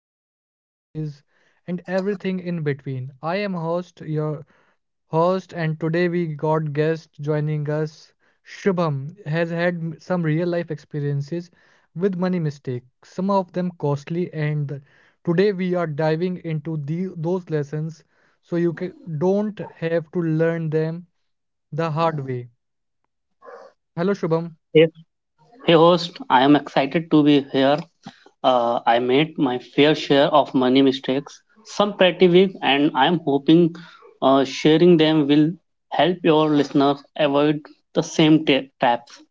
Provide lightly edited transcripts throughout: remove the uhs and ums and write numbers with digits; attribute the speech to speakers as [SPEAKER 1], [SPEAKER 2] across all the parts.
[SPEAKER 1] wins, the losses, and everything in between. I am host, your host, and today we got guest joining us. Shubham has had some real life experiences with money mistakes, some of them costly, and today we are diving into those lessons so you don't have to learn them the hard way. Hello, Shubham.
[SPEAKER 2] Yes. Hey, host, I am excited to be here. I made my fair share of money mistakes, some pretty big, and I am hoping sharing them will help your listeners avoid the same traps.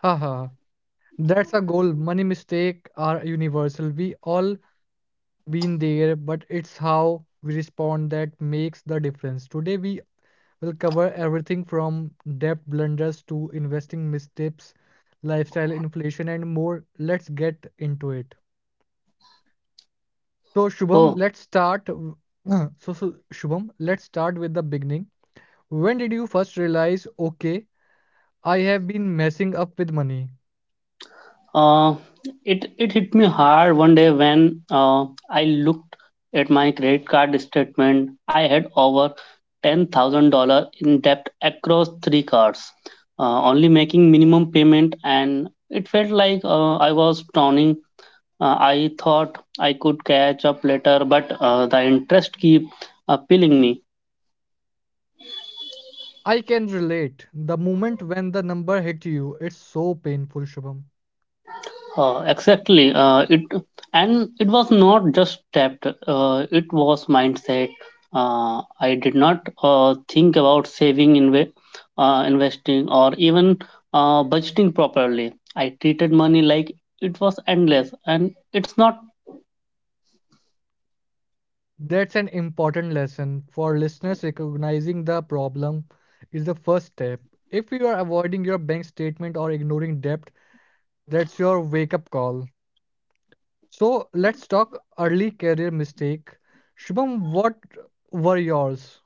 [SPEAKER 1] Haha. That's a goal. Money mistakes are universal. We all been there, but it's how we respond that makes the difference. Today we will cover everything from debt blunders to investing mistips, lifestyle inflation and more. Let's get into it. So Shubham,
[SPEAKER 2] Oh.
[SPEAKER 1] let's start w- So Shubham, let's start with the beginning. When did you first realize, okay, I have been messing up with money?
[SPEAKER 2] Uh, it hit me hard one day when I looked at my credit card statement. I had over $10,000 in debt across three cards, only making minimum payment, and it felt like I was drowning. I thought I could catch up later, but the interest keep pilling me.
[SPEAKER 1] I can relate. The moment when the number hit you, it's so painful, Shubham.
[SPEAKER 2] Exactly. It And it was not just tapped. It was mindset. I did not think about saving, investing, or even budgeting properly. I treated money like it was endless, and it's not.
[SPEAKER 1] That's an important lesson for listeners. Recognizing the problem is the first step. If you are avoiding your bank statement or ignoring debt, that's your wake up call. So let's talk early career mistake. Shubham, what were yours?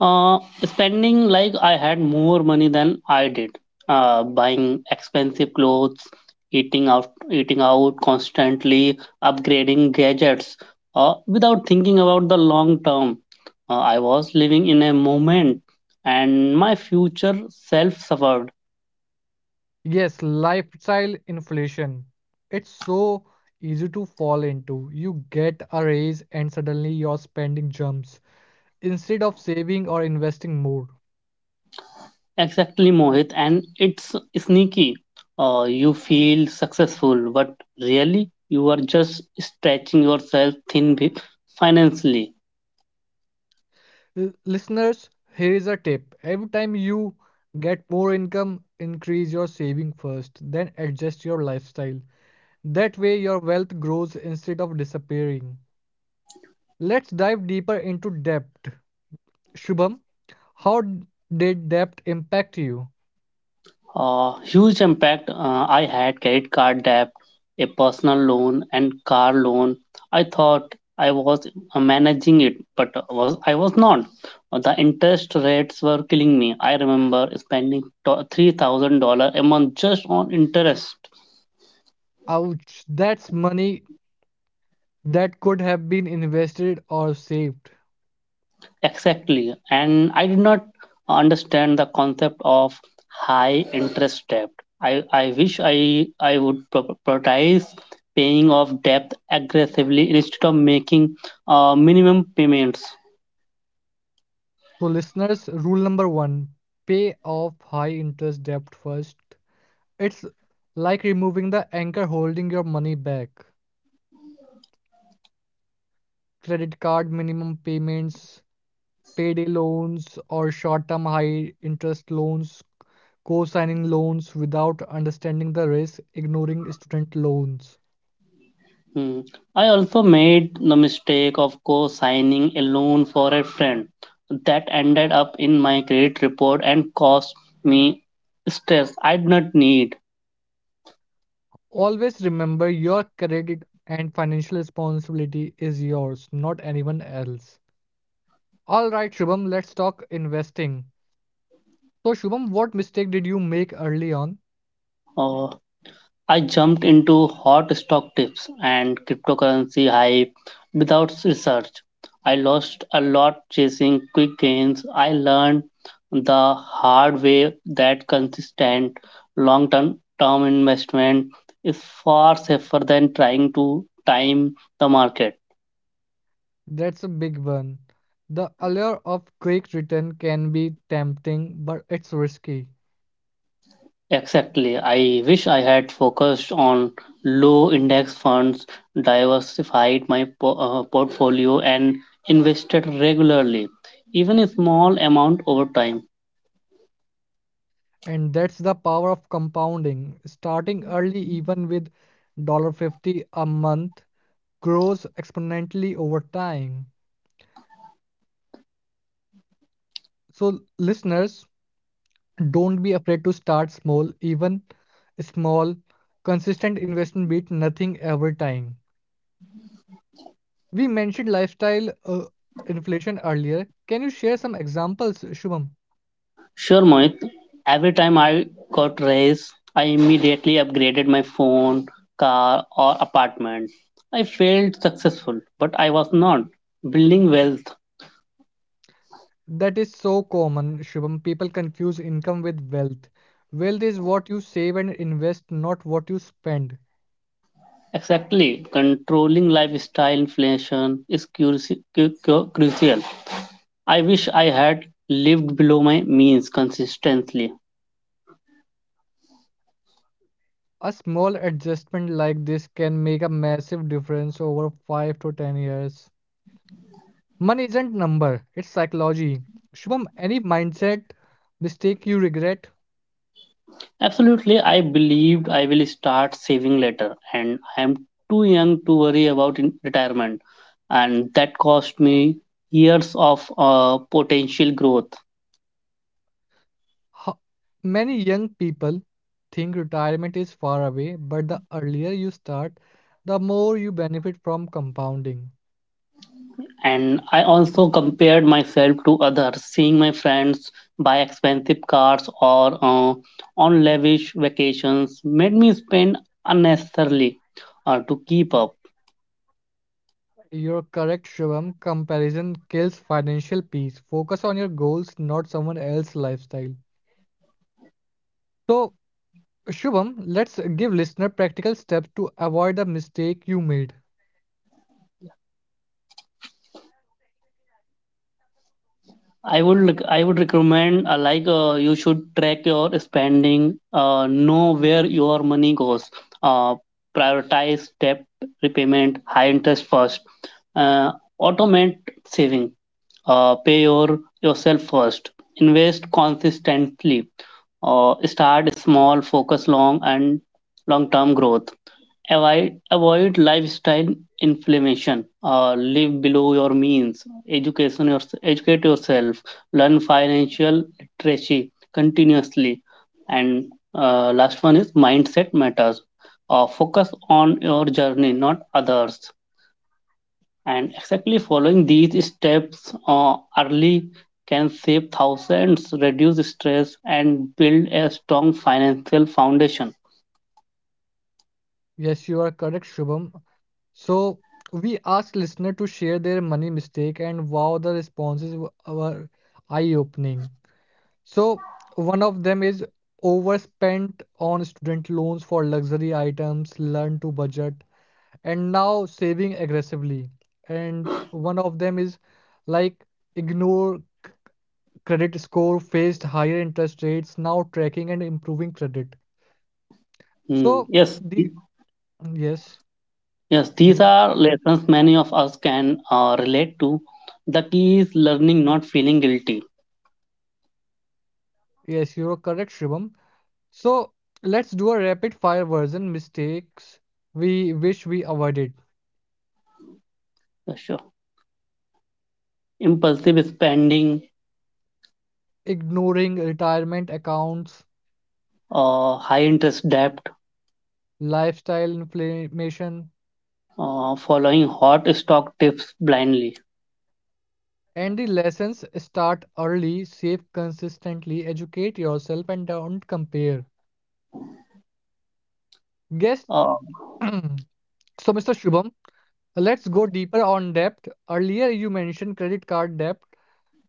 [SPEAKER 2] Uh, Spending like I had more money than I did. Buying expensive clothes, eating out constantly, upgrading gadgets, without thinking about the long term. I was living in a moment, and my future self suffered.
[SPEAKER 1] Yes, lifestyle inflation. It's so easy to fall into. You get a raise and suddenly your spending jumps. Instead of saving or investing more.
[SPEAKER 2] Exactly, Mohit, and it's sneaky. You feel successful, but really, you are just stretching yourself thin financially.
[SPEAKER 1] Listeners, here is a tip. Every time you get more income, increase your saving first, then adjust your lifestyle. That way, your wealth grows instead of disappearing. Let's dive deeper into debt. Shubham, how did debt impact you?
[SPEAKER 2] Huge impact. I had credit card debt, a personal loan, and car loan. I thought I was managing it, but was I was not. The interest rates were killing me. I remember spending $3,000 a month just on interest.
[SPEAKER 1] Ouch, that's money that could have been invested or saved.
[SPEAKER 2] Exactly. And I did not understand the concept of high interest debt. I wish I would prioritize paying off debt aggressively instead of making minimum payments.
[SPEAKER 1] So, listeners, rule number one, pay off high interest debt first. It's like removing the anchor holding your money back. Credit card minimum payments, payday loans, or short term high interest loans, co signing loans without understanding the risk, ignoring student loans.
[SPEAKER 2] Hmm. I also made the mistake of co signing a loan for a friend that ended up in my credit report and cost me stress I did not need.
[SPEAKER 1] Always remember your credit and financial responsibility is yours, not anyone else. All right, Shubham, let's talk investing. So, Shubham, what mistake did you make early on?
[SPEAKER 2] Oh, I jumped into hot stock tips and cryptocurrency hype without research. I lost a lot chasing quick gains. I learned the hard way that consistent long term investment is far safer than trying to time the market.
[SPEAKER 1] That's a big one. The allure of quick return can be tempting, but it's risky.
[SPEAKER 2] Exactly. I wish I had focused on low index funds, diversified my portfolio, and invested regularly, even a small amount over time.
[SPEAKER 1] And that's the power of compounding. Starting early, even with $1.50 a month, grows exponentially over time. So, listeners, don't be afraid to start small. Even small, consistent investment beat nothing every time. We mentioned lifestyle inflation earlier. Can you share some examples, Shubham?
[SPEAKER 2] Sure, Mohit, every time I got raise, I immediately upgraded my phone, car, or apartment. I felt successful, but I was not building wealth.
[SPEAKER 1] That is so common, Shubham. People confuse income with wealth. Wealth is what you save and invest, not what you spend.
[SPEAKER 2] Exactly. Controlling lifestyle inflation is crucial. I wish I had lived below my means consistently.
[SPEAKER 1] A small adjustment like this can make a massive difference over 5 to 10 years. Money isn't number, it's psychology. Shubham, any mindset mistake you regret?
[SPEAKER 2] Absolutely, I believed I will start saving later, and I am too young to worry about retirement, and that cost me years of potential growth.
[SPEAKER 1] Ho- Many young people think retirement is far away, but the earlier you start, the more you benefit from compounding.
[SPEAKER 2] And I also compared myself to others, seeing my friends buy expensive cars or on lavish vacations made me spend unnecessarily to keep up.
[SPEAKER 1] You're correct, Shivam. Comparison kills financial peace. Focus on your goals, not someone else's lifestyle. So, Shivam, let's give listener practical steps to avoid the mistake you made.
[SPEAKER 2] I would recommend like you should track your spending, know where your money goes, uh, prioritize debt repayment, high interest first, uh, automate saving, pay yourself first, invest consistently, start small, focus long term growth. Avoid lifestyle inflammation. Live below your means. Educate yourself. Learn financial literacy continuously. And last one is mindset matters. Focus on your journey, not others. And exactly following these steps early can save thousands, reduce stress, and build a strong financial foundation.
[SPEAKER 1] Yes, you are correct, Shivam. So, we asked listener to share their money mistake, and wow, the responses were eye-opening. So, one of them is overspent on student loans for luxury items, learn to budget. And now saving aggressively. And one of them is like ignore c- credit score, faced higher interest rates, now tracking and improving credit.
[SPEAKER 2] Hmm.
[SPEAKER 1] So
[SPEAKER 2] Yes.
[SPEAKER 1] the yes,
[SPEAKER 2] Yes, these
[SPEAKER 1] you
[SPEAKER 2] are lessons many of us can relate to. The key is learning not feeling guilty.
[SPEAKER 1] yes, you're correct, Shivam. So let's do a rapid fire version mistakes we wish we avoided.
[SPEAKER 2] Yeah, sure. Impulsive spending,
[SPEAKER 1] Ignoring retirement accounts,
[SPEAKER 2] high interest debt,
[SPEAKER 1] lifestyle inflammation,
[SPEAKER 2] following hot stock tips blindly.
[SPEAKER 1] and the lessons start early, save consistently, educate yourself, and don't compare. Guess
[SPEAKER 2] Uh,
[SPEAKER 1] so, Mr. Shubham, let's go deeper on debt. Earlier, you mentioned credit card debt.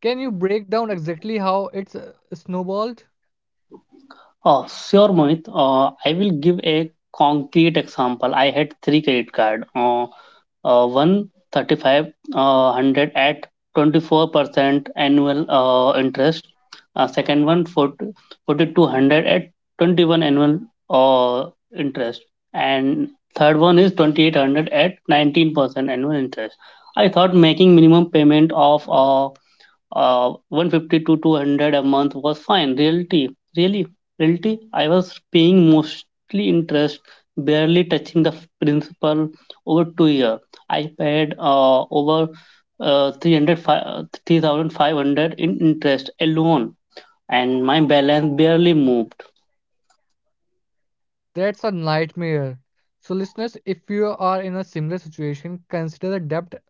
[SPEAKER 1] Can you break down exactly how it's snowballed?
[SPEAKER 2] oh, sure, Mohit. I will give a concrete example. I had three credit card. One 3,500 at 24% annual interest. Second one, 4,200 at 21 annual uh, interest. And third one is 2800 at 19% annual interest. I thought making minimum payment of 150 to 200 a month was fine. Really, Reality, I was paying mostly interest, barely touching the principal over 2 years. I paid over three hundred five 3,500 in interest alone, and my balance barely moved.
[SPEAKER 1] That's a nightmare. So, listeners, if you are in a similar situation, consider the debt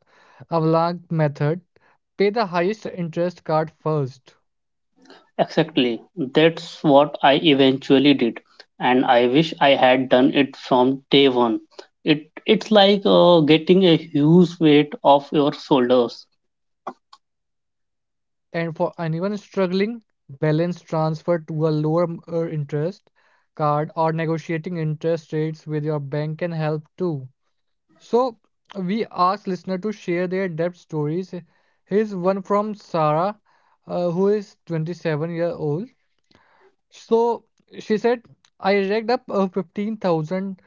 [SPEAKER 1] avalanche method. Pay the highest interest card first.
[SPEAKER 2] Exactly. That's what I eventually did. And I wish I had done it from day one. It's like getting a huge weight off your shoulders.
[SPEAKER 1] And for anyone struggling, balance transfer to a lower interest card or negotiating interest rates with your bank can help too. So we asked listener to share their debt stories. Here's one from Sarah, who is 27 years old. So she said, I racked up 15,000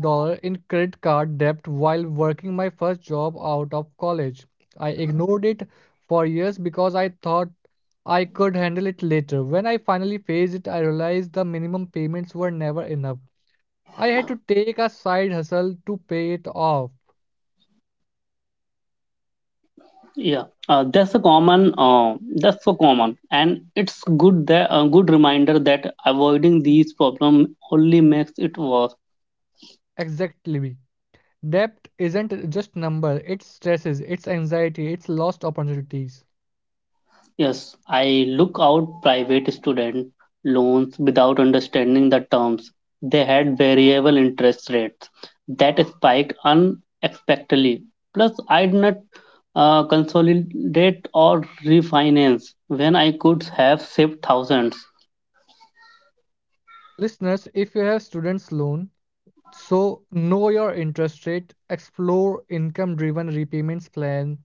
[SPEAKER 1] dollars in credit card debt while working my first job out of college. I ignored it for years because I thought I could handle it later. When I finally faced it, I realized the minimum payments were never enough. I had to take a side hustle to pay it off.
[SPEAKER 2] Yeah, that's a common. That's so common, and it's good that a good reminder that avoiding these problems only makes it worse.
[SPEAKER 1] Exactly. Debt isn't just number, it's stresses, it's anxiety, it's lost opportunities.
[SPEAKER 2] Yes, I look out private student loans without understanding the terms. They had variable interest rates that spiked unexpectedly. Plus, I did not consolidate or refinance when I could have saved thousands.
[SPEAKER 1] Listeners, if you have students loan, so, know your interest rate, explore income driven repayments plan,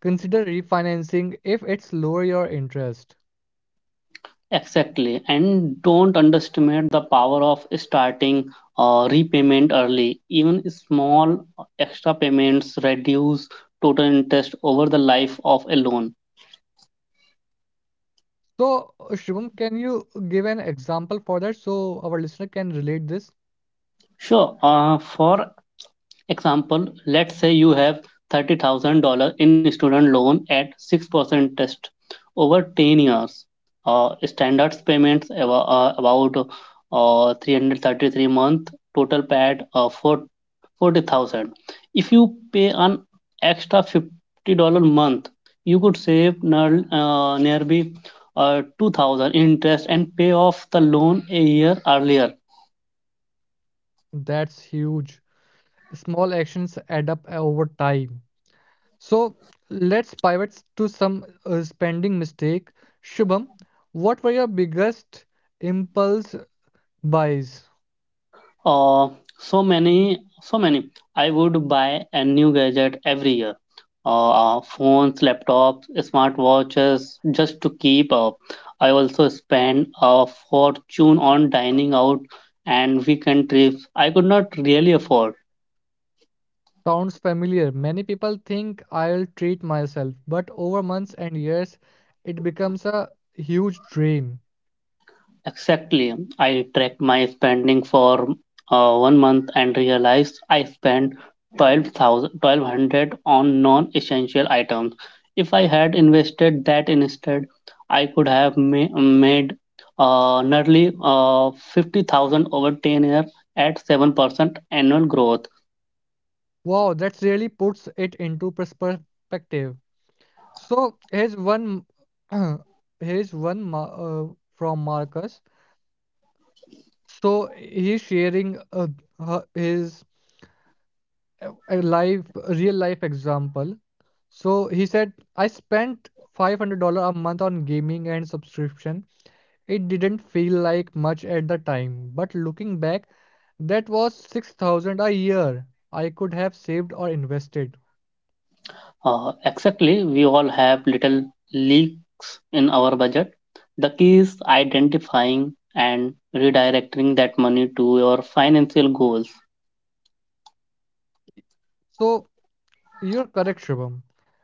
[SPEAKER 1] consider refinancing if it's lower your interest.
[SPEAKER 2] Exactly, and don't underestimate the power of starting repayment early. Even small extra payments reduce total interest over the life of a loan.
[SPEAKER 1] So, Shivam, can you give an example for that so our listener can relate this?
[SPEAKER 2] Sure. For example, let's say you have $30,000 in student loan at 6% interest over 10 years. Standards payments about 333 month, total paid for 40,000. If you pay an extra $50 month, you could save nearly 2,000 interest and pay off the loan a year earlier.
[SPEAKER 1] That's huge. Small actions add up over time. So, let's pivot to some spending mistake. Shubham, what were your biggest impulse buys?
[SPEAKER 2] Uh, so many, so many. I would buy a new gadget every year. Uh, phones, laptops, smartwatches, just to keep up. I also spend a fortune on dining out and weekend trips I could not really afford.
[SPEAKER 1] Sounds familiar. Many people think I'll treat myself, but over months and years, it becomes a huge drain.
[SPEAKER 2] Exactly. I tracked my spending for one month and realized I spent 1,200 on non essential items. If I had invested that instead, I could have made nearly 50,000 over 10 years at 7% annual growth.
[SPEAKER 1] Wow, that really puts it into perspective. So here's one from Marcus. So he's sharing his real life example. So he said, I spent $500 a month on gaming and subscription. It didn't feel like much at the time, but looking back, that was 6,000 a year I could have saved or invested.
[SPEAKER 2] Exactly, we all have little leaks in our budget. The key is identifying and redirecting that money to your financial goals.
[SPEAKER 1] So, you're correct, Shubham.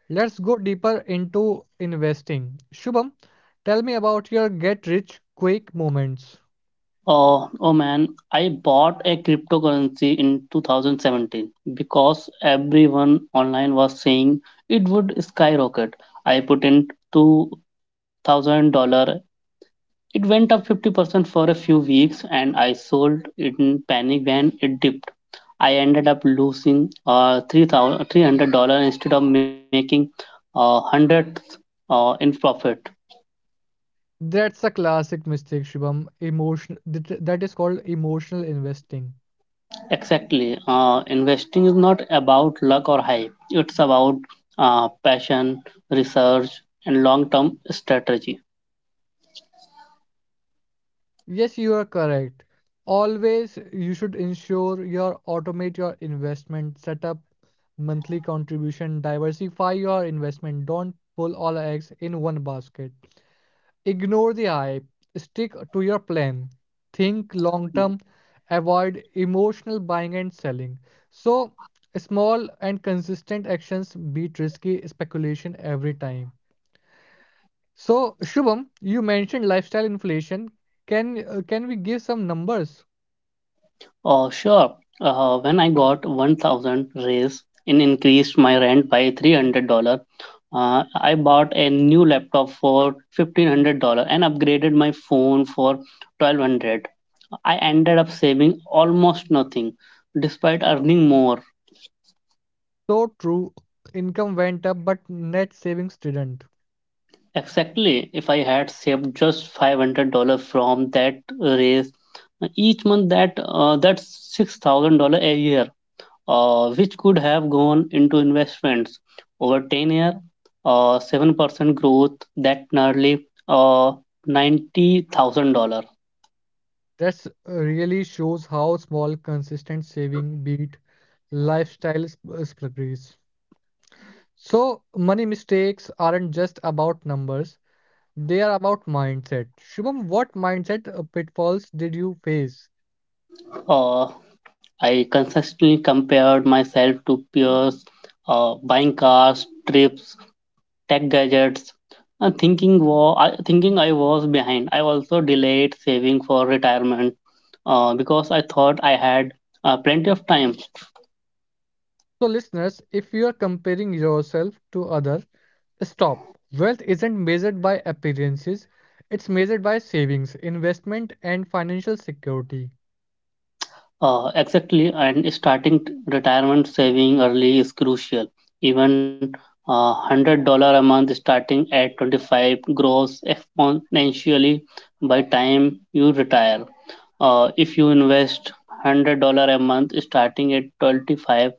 [SPEAKER 1] Let's go deeper into investing. Shubham, tell me about your get rich quick moments.
[SPEAKER 2] Oh man, I bought a cryptocurrency in 2017 because everyone online was saying it would skyrocket. I put in $2,000. It went up 50% for a few weeks and I sold it in panic when it dipped. I ended up losing $300 instead of making hundreds in profit.
[SPEAKER 1] That's a classic mistake, Shubham. Emotion that is called emotional investing.
[SPEAKER 2] Exactly. Investing is not about luck or hype, it's about passion, research, and long term strategy.
[SPEAKER 1] Yes, you are correct. Always you should ensure your automate your investment, set up monthly contribution, diversify your investment. Don't pull all eggs in one basket. Ignore the hype. Stick to your plan. Think long term. Avoid emotional buying and selling. So, small and consistent actions beat risky speculation every time. So, Shubham, you mentioned lifestyle inflation. Can we give some numbers?
[SPEAKER 2] Oh, sure. When I got 1000 raise and increased my rent by $300, I bought a new laptop for $1500 and upgraded my phone for 1200. I ended up saving almost nothing despite earning more.
[SPEAKER 1] So true, income went up, but net savings didn't.
[SPEAKER 2] Exactly, if I had saved just $500 from that raise each month, that's $6,000 a year, which could have gone into investments over 10 year, 7% growth, that nearly $90,000.
[SPEAKER 1] That really shows how small, consistent saving beat lifestyle struggles. So, money mistakes aren't just about numbers, they are about mindset. Shubham, what mindset pitfalls did you face?
[SPEAKER 2] uh, I consistently compared myself to peers, buying cars trips tech gadgets, thinking I was behind. I also delayed saving for retirement because I thought I had plenty of time.
[SPEAKER 1] So, listeners, if you are comparing yourself to others, stop. Wealth isn't measured by appearances, it's measured by savings, investment, and financial security.
[SPEAKER 2] Exactly, and starting retirement saving early is crucial. Even $100 a month starting at 25 grows exponentially by time you retire. If you invest $100 a month, starting at 25,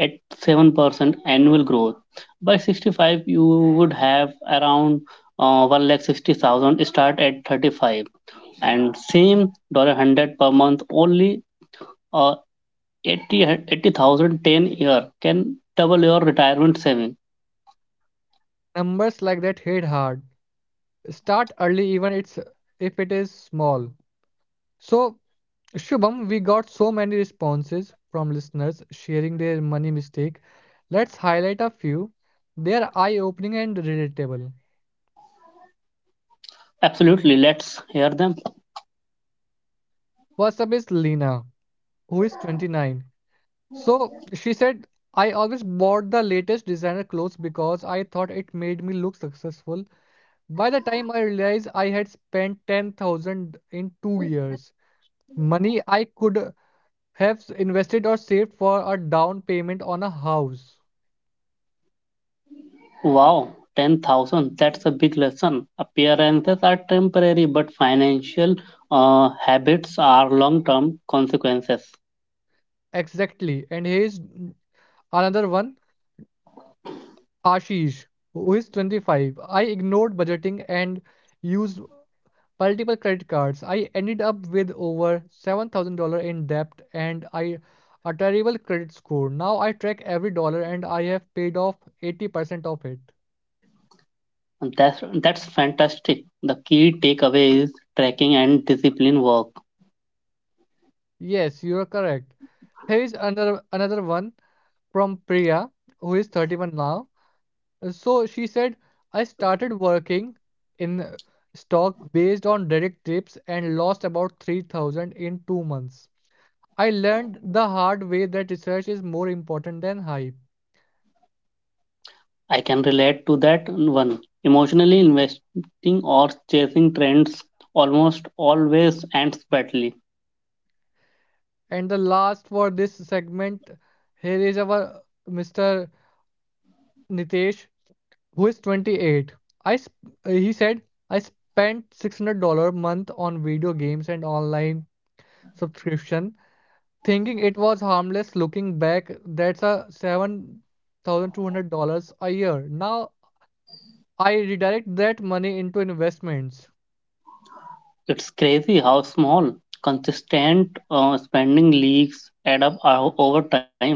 [SPEAKER 2] at 7% annual growth, by 65 you would have around one lakh 60,000. Start at 35, and same dollar $100 per month only uh, 80 thousand ten year can double your retirement saving.
[SPEAKER 1] Numbers like that hit hard. Start early, even it's if it is small. So, Shubham, we got so many responses from listeners sharing their money mistake. Let's highlight a few. They are eye-opening and relatable.
[SPEAKER 2] Absolutely, let's hear them.
[SPEAKER 1] First up is Lena, who is 29. So she said, I always bought the latest designer clothes because I thought it made me look successful. By the time I realized I had spent 10,000 in 2 years, money I could have invested or saved for a down payment on a house.
[SPEAKER 2] Wow, 10,000. That's a big lesson. Appearances are temporary, but financial habits are long term consequences.
[SPEAKER 1] Exactly. And here's another one Ashish, who is 25. I ignored budgeting and used multiple credit cards. I ended up with over $7,000 in debt and I a terrible credit score. Now I track every dollar and I have paid off 80% of it.
[SPEAKER 2] And that's fantastic. The key takeaway is tracking and discipline work.
[SPEAKER 1] Yes, you are correct. Here is another one from Priya, who is 31 now. So she said, I started working in stock based on direct tips and lost about 3000 in 2 months. I learned the hard way that research is more important than hype.
[SPEAKER 2] I can relate to that one. Emotionally investing or chasing trends almost always ends badly.
[SPEAKER 1] And the last for this segment, here is our Mr. Nitesh, who is 28. He said, I spent $600 a month on video games and online subscription. Thinking it was harmless looking back, that's a $7,200 a year. Now I redirect that money into investments.
[SPEAKER 2] It's crazy how small, consistent spending leaks add up over time.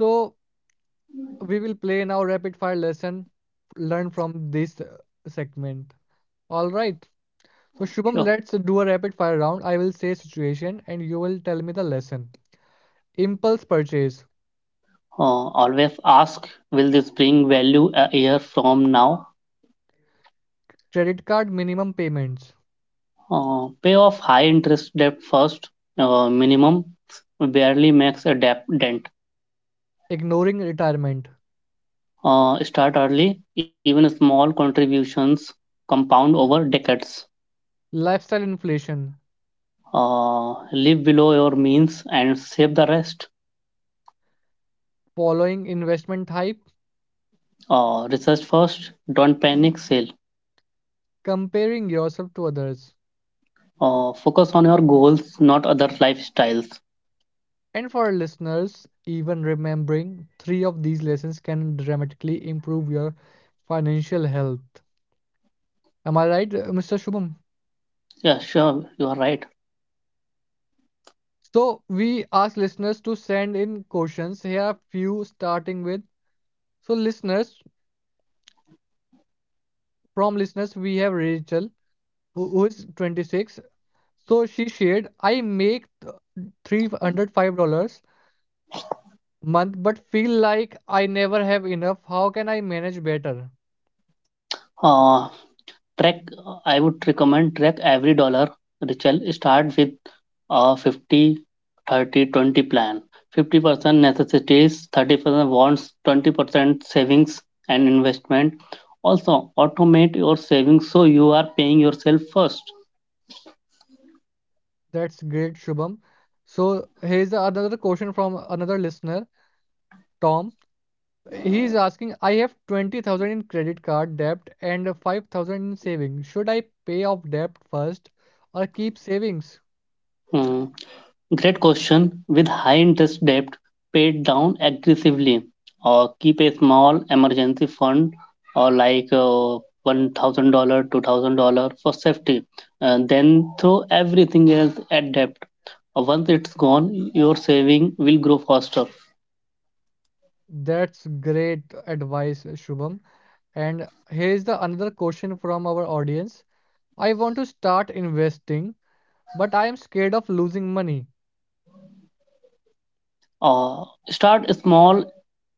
[SPEAKER 1] So we will play now rapid fire lesson learn from this segment. All right. So Shubham, let's do a rapid fire round. I will say situation and you will tell me the lesson. Impulse purchase,
[SPEAKER 2] Always ask, will this bring value a year from now?
[SPEAKER 1] credit card minimum payments,
[SPEAKER 2] Pay off high interest debt first. Minimum barely makes a debt dent.
[SPEAKER 1] ignoring retirement,
[SPEAKER 2] Start early. Even small contributions compound over decades.
[SPEAKER 1] lifestyle inflation,
[SPEAKER 2] Live below your means and save the rest.
[SPEAKER 1] following investment hype,
[SPEAKER 2] Research first. Don't panic. Sell.
[SPEAKER 1] comparing yourself to others.
[SPEAKER 2] Focus on your goals, not other lifestyles.
[SPEAKER 1] And for our listeners, even remembering three of these lessons can dramatically improve your financial health. Am I right, Mr. Shubham?
[SPEAKER 2] Yeah, sure. You are right.
[SPEAKER 1] So, we ask listeners to send in questions. Here are few starting with. So, listeners, from listeners, we have Rachel, who is 26. So, she shared, I make $305 month but feel like I never have enough. How can I manage better?
[SPEAKER 2] Uh, Track, I would recommend track every dollar. Rachel, start with a 50, 30, 20 plan. 50% necessities, 30% wants, 20% savings and investment. Also, automate your savings so you are paying yourself first.
[SPEAKER 1] That's great, Shubham. So here's the another question from another listener, Tom. He is asking, I have 20,000 in credit card debt and 5,000 in savings. Should I pay off debt first or keep savings?
[SPEAKER 2] Hmm. Great question. With high interest debt, pay it down aggressively or keep a small emergency fund or like $1,000, $2,000 for safety. And then throw everything else at debt. Once it's gone, your saving will grow faster.
[SPEAKER 1] That's great advice, Shubham. And here's the another question from our audience. I want to start investing, but I am scared of losing money.
[SPEAKER 2] Start small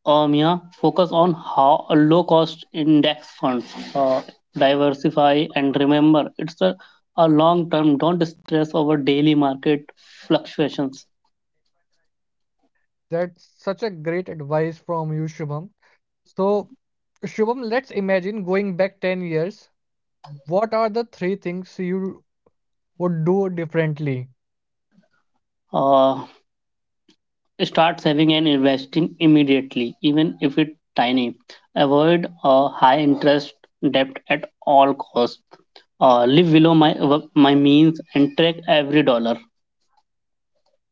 [SPEAKER 2] Omnia focus on how low cost index funds uh, diversify and remember it's a long term. Don't stress over daily market fluctuations.
[SPEAKER 1] That's such a great advice from you, Shubham. So Shubham, let's imagine going back 10 years. What are the three things you would do differently?
[SPEAKER 2] uh, Start saving and investing immediately even if it's tiny. Avoid high interest debt at all costs. Live below my means and track every dollar.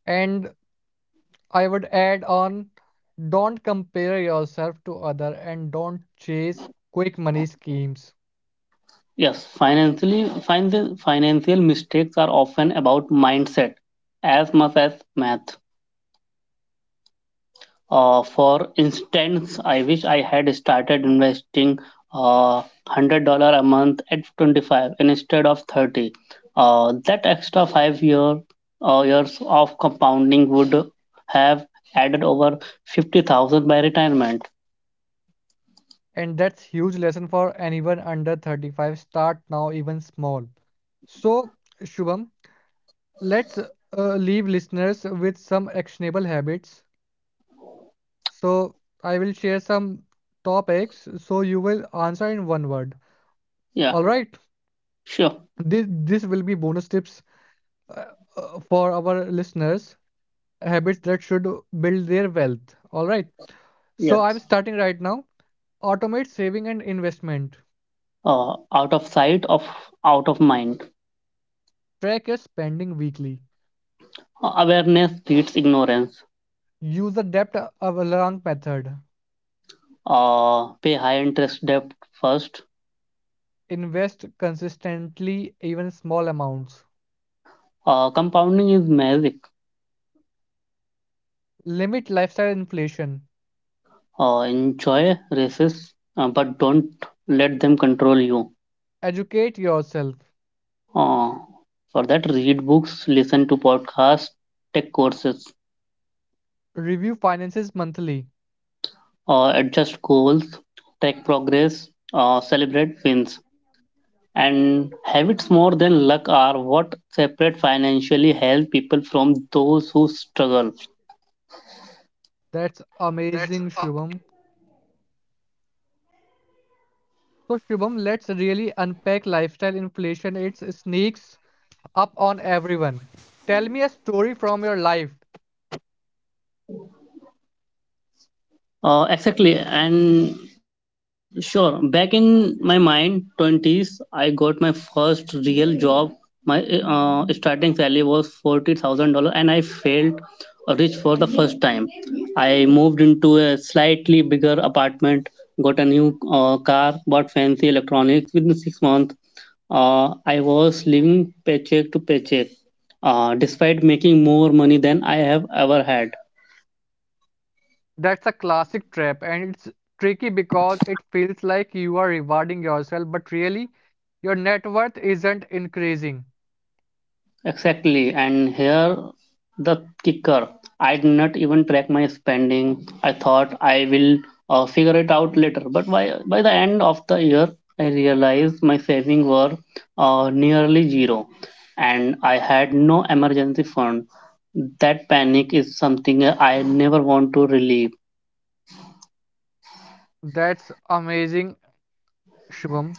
[SPEAKER 1] And I would add on, don't compare yourself to other and don't chase quick money schemes.
[SPEAKER 2] Yes, financial mistakes are often about mindset as much as math. For instance, I wish I had started investing uh, $100 a month at 25 instead of 30. That extra five years of compounding would have added over 50,000 by retirement.
[SPEAKER 1] And that's huge lesson for anyone under 35. Start now, even small. So, Shubham, let's leave listeners with some actionable habits. So, I will share some topics so you will answer in one word.
[SPEAKER 2] Yeah,
[SPEAKER 1] All right,
[SPEAKER 2] sure.
[SPEAKER 1] this will be bonus tips uh, for our listeners. Habits that should build their wealth. All right, so I'm
[SPEAKER 2] Yes.
[SPEAKER 1] starting right now. Automate saving and investment.
[SPEAKER 2] Out of sight, of out of mind.
[SPEAKER 1] Track your spending weekly.
[SPEAKER 2] Awareness beats ignorance.
[SPEAKER 1] Use the avalanche method.
[SPEAKER 2] Pay high interest debt first.
[SPEAKER 1] Invest consistently, even small amounts.
[SPEAKER 2] Compounding is magic.
[SPEAKER 1] Limit lifestyle inflation.
[SPEAKER 2] Enjoy races, but don't let them control you.
[SPEAKER 1] Educate yourself.
[SPEAKER 2] Uh, for that, read books, listen to podcasts, take courses,
[SPEAKER 1] Review finances monthly.
[SPEAKER 2] adjust goals, track progress, celebrate wins. And habits more than luck are what separate financially healthy people from those who struggle.
[SPEAKER 1] That's amazing, Shubham. So, Shubham, let's really unpack lifestyle inflation. It sneaks up on everyone. Tell me a story from your life.
[SPEAKER 2] Exactly, and sure. Back in my mind twenties, I got my first real job. My starting salary was $40,000, and I felt rich for the first time. I moved into a slightly bigger apartment, got a new car, bought fancy electronics. Within 6 months, I was living paycheck to paycheck, despite making more money than I have ever had.
[SPEAKER 1] That's a classic trap, and it's tricky because it feels like you are rewarding yourself, but really, your net worth isn't increasing.
[SPEAKER 2] Exactly, and here the kicker. I did not even track my spending. I thought I figure it out later. But by the end of the year, I realized my savings were nearly zero, and I had no emergency fund. That panic is something I never want to relive.
[SPEAKER 1] That's amazing, Shubham.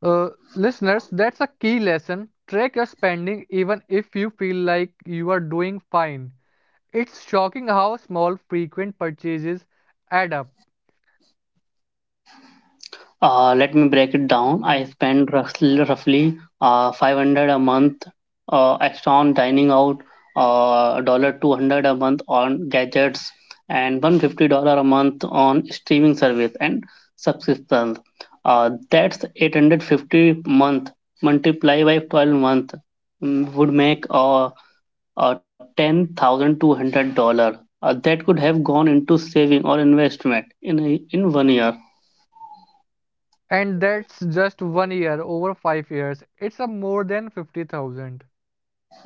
[SPEAKER 1] Uh, Listeners, that's a key lesson. Track your spending even if you feel like you are doing fine. It's shocking how small frequent purchases add up.
[SPEAKER 2] Let me break it down. I spend roughly 500 a month extra on dining out, uh, 200 a month on gadgets, and $150 a month on streaming service and subscriptions. That's 850 month multiply by 12 month would make $10,200. That could have gone into saving or investment in one year.
[SPEAKER 1] And that's just one year. Over 5 years, it's a more than 50,000.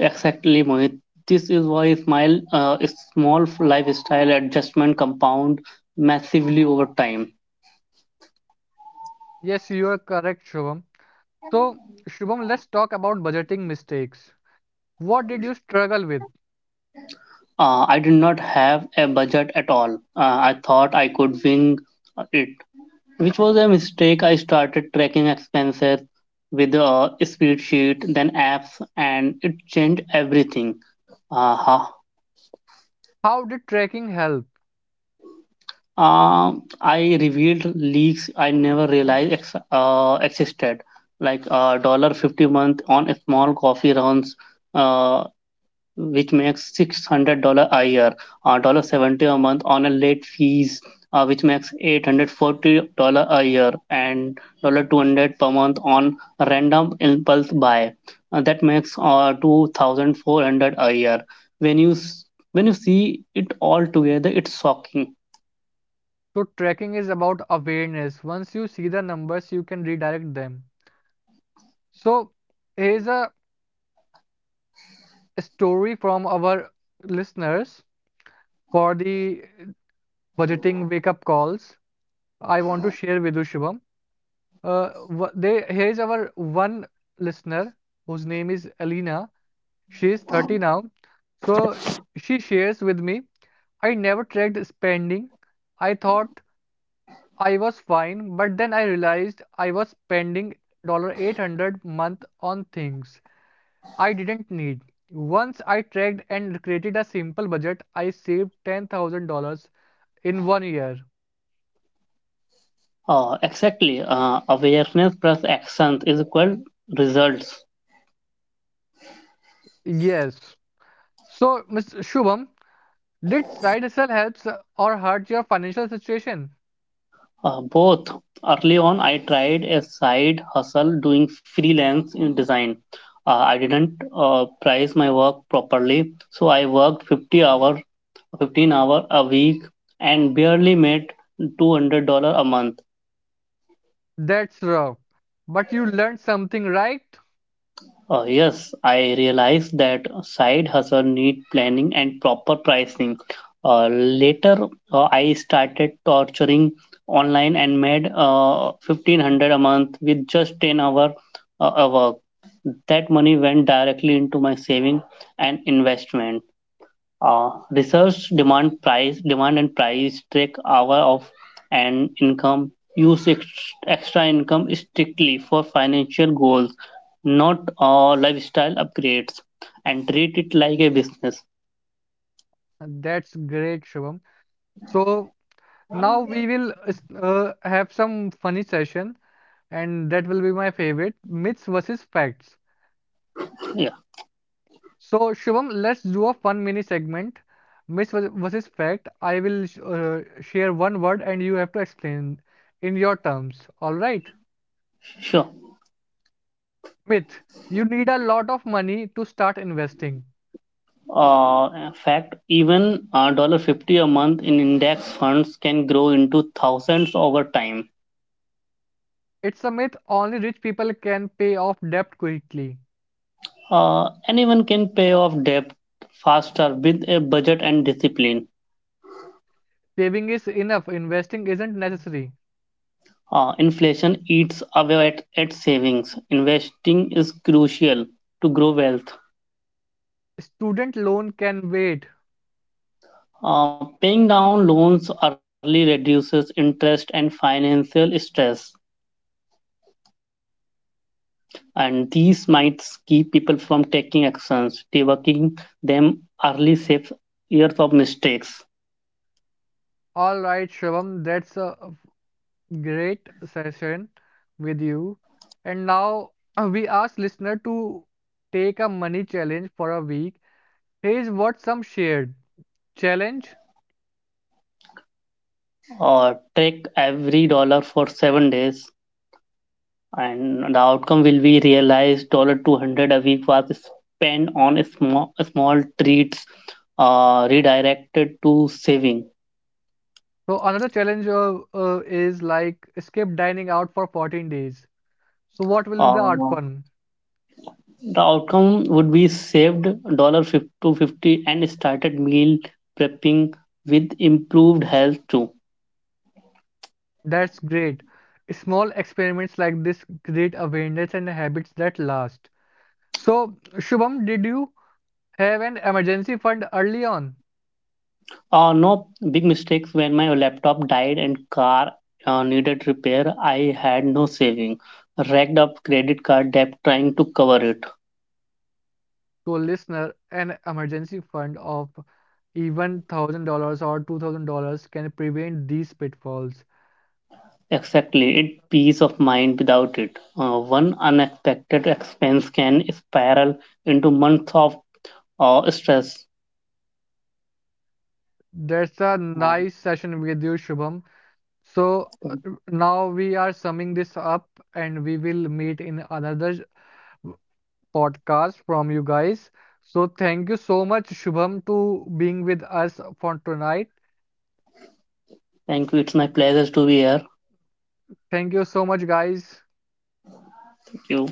[SPEAKER 2] Exactly, Mohit. This is why small lifestyle adjustment compound massively over time.
[SPEAKER 1] Yes, you are correct, Shubham. So, Shubham, let's talk about budgeting mistakes. What did you struggle with?
[SPEAKER 2] I did not have a budget at all. I thought I could wing it, which was a mistake. I started tracking expenses with a spreadsheet, then apps, and it changed everything. Uh, how,
[SPEAKER 1] How did tracking help?
[SPEAKER 2] I revealed leaks I never realized existed, like a dollar 50 month on a small coffee runs, uh, which makes $600 a year. A dollar 70 a month on a late fees, which makes $840 a year, and dollar 200 per month on random impulse buy. That makes 2,400 a year. When you s- when you see it all together, it's shocking.
[SPEAKER 1] So, tracking is about awareness. Once you see the numbers, you can redirect them. So, here's a story from our listeners for the budgeting wake up calls. I want to share with you, Shubham. They, here's our one listener whose name is Alina. She is 30 now. So she shares with me, I never tracked spending. I thought I was fine, but then I realized I was spending 800 month on things I didn't need. Once I tracked and created a simple budget, I saved $10,000 in one year.
[SPEAKER 2] Exactly. Awareness plus actions is equal results.
[SPEAKER 1] Yes. So, Mr. Shubham, did side hustle helps or hurt your financial situation?
[SPEAKER 2] Both. Early on, I tried a side hustle doing freelance in design. I didn't price my work properly, so I worked 15 hour a week and barely made $200 a month.
[SPEAKER 1] That's rough. But you learned something, right?
[SPEAKER 2] Yes, I realize that side hustle need planning and proper pricing. Later, I started torturing online and made 1500 a month with just 10 hour a work. That money went directly into my saving and investment. Research demand price demand and price track hour of and income use extra income strictly for financial goals, not lifestyle upgrades, and treat it like a business.
[SPEAKER 1] That's great, Shubham. So now we will have some funny session, and that will be my favorite, myths versus facts.
[SPEAKER 2] Yeah,
[SPEAKER 1] So Shubham, let's do a fun mini segment, versus fact. I will share one word, and you have to explain in your terms. All right?
[SPEAKER 2] sure.
[SPEAKER 1] Myth. You need a lot of money to start investing.
[SPEAKER 2] In fact, even dollar 50 a month in index funds can grow into thousands over time.
[SPEAKER 1] It's a myth only rich people can pay off debt quickly.
[SPEAKER 2] Anyone can pay off debt faster with a budget and discipline.
[SPEAKER 1] Saving is enough, investing isn't necessary.
[SPEAKER 2] Inflation eats away at savings. Investing is crucial to grow wealth.
[SPEAKER 1] Student loan can wait.
[SPEAKER 2] Paying down loans early reduces interest and financial stress, and these might keep people from taking actions. Debugging them early saves years of mistakes.
[SPEAKER 1] All right, Shravam, that's a great session with you. And now we ask listener to take a money challenge for a week. Here's what some shared challenge.
[SPEAKER 2] Track every dollar for 7 days, and the outcome will be realized dollar 200 a week was spent on small treats, redirected to saving.
[SPEAKER 1] So another challenge is like skip dining out for 14 days. So what will be the
[SPEAKER 2] uh,
[SPEAKER 1] outcome?
[SPEAKER 2] the outcome would be saved dollar 250 and started meal prepping with improved health too.
[SPEAKER 1] That's great. Small experiments like this create awareness and habits that last. So Shubham, did you have an emergency fund early on?
[SPEAKER 2] No, big mistakes. When my laptop died and car needed repair, I had no saving, racked up credit card debt trying to cover it.
[SPEAKER 1] So listener, an emergency fund of even $1,000 or $2,000 can prevent these pitfalls.
[SPEAKER 2] Exactly, it peace of mind without it. One unexpected expense can spiral into months of stress.
[SPEAKER 1] That's a
[SPEAKER 2] And
[SPEAKER 1] nice session with you, Shubham. So now we are summing this up and we will meet in another podcast from you guys. So thank you so much, Shubham, to being with us for tonight.
[SPEAKER 2] thank you. It's my pleasure to be here.
[SPEAKER 1] Thank you so much, guys.
[SPEAKER 2] Thank you.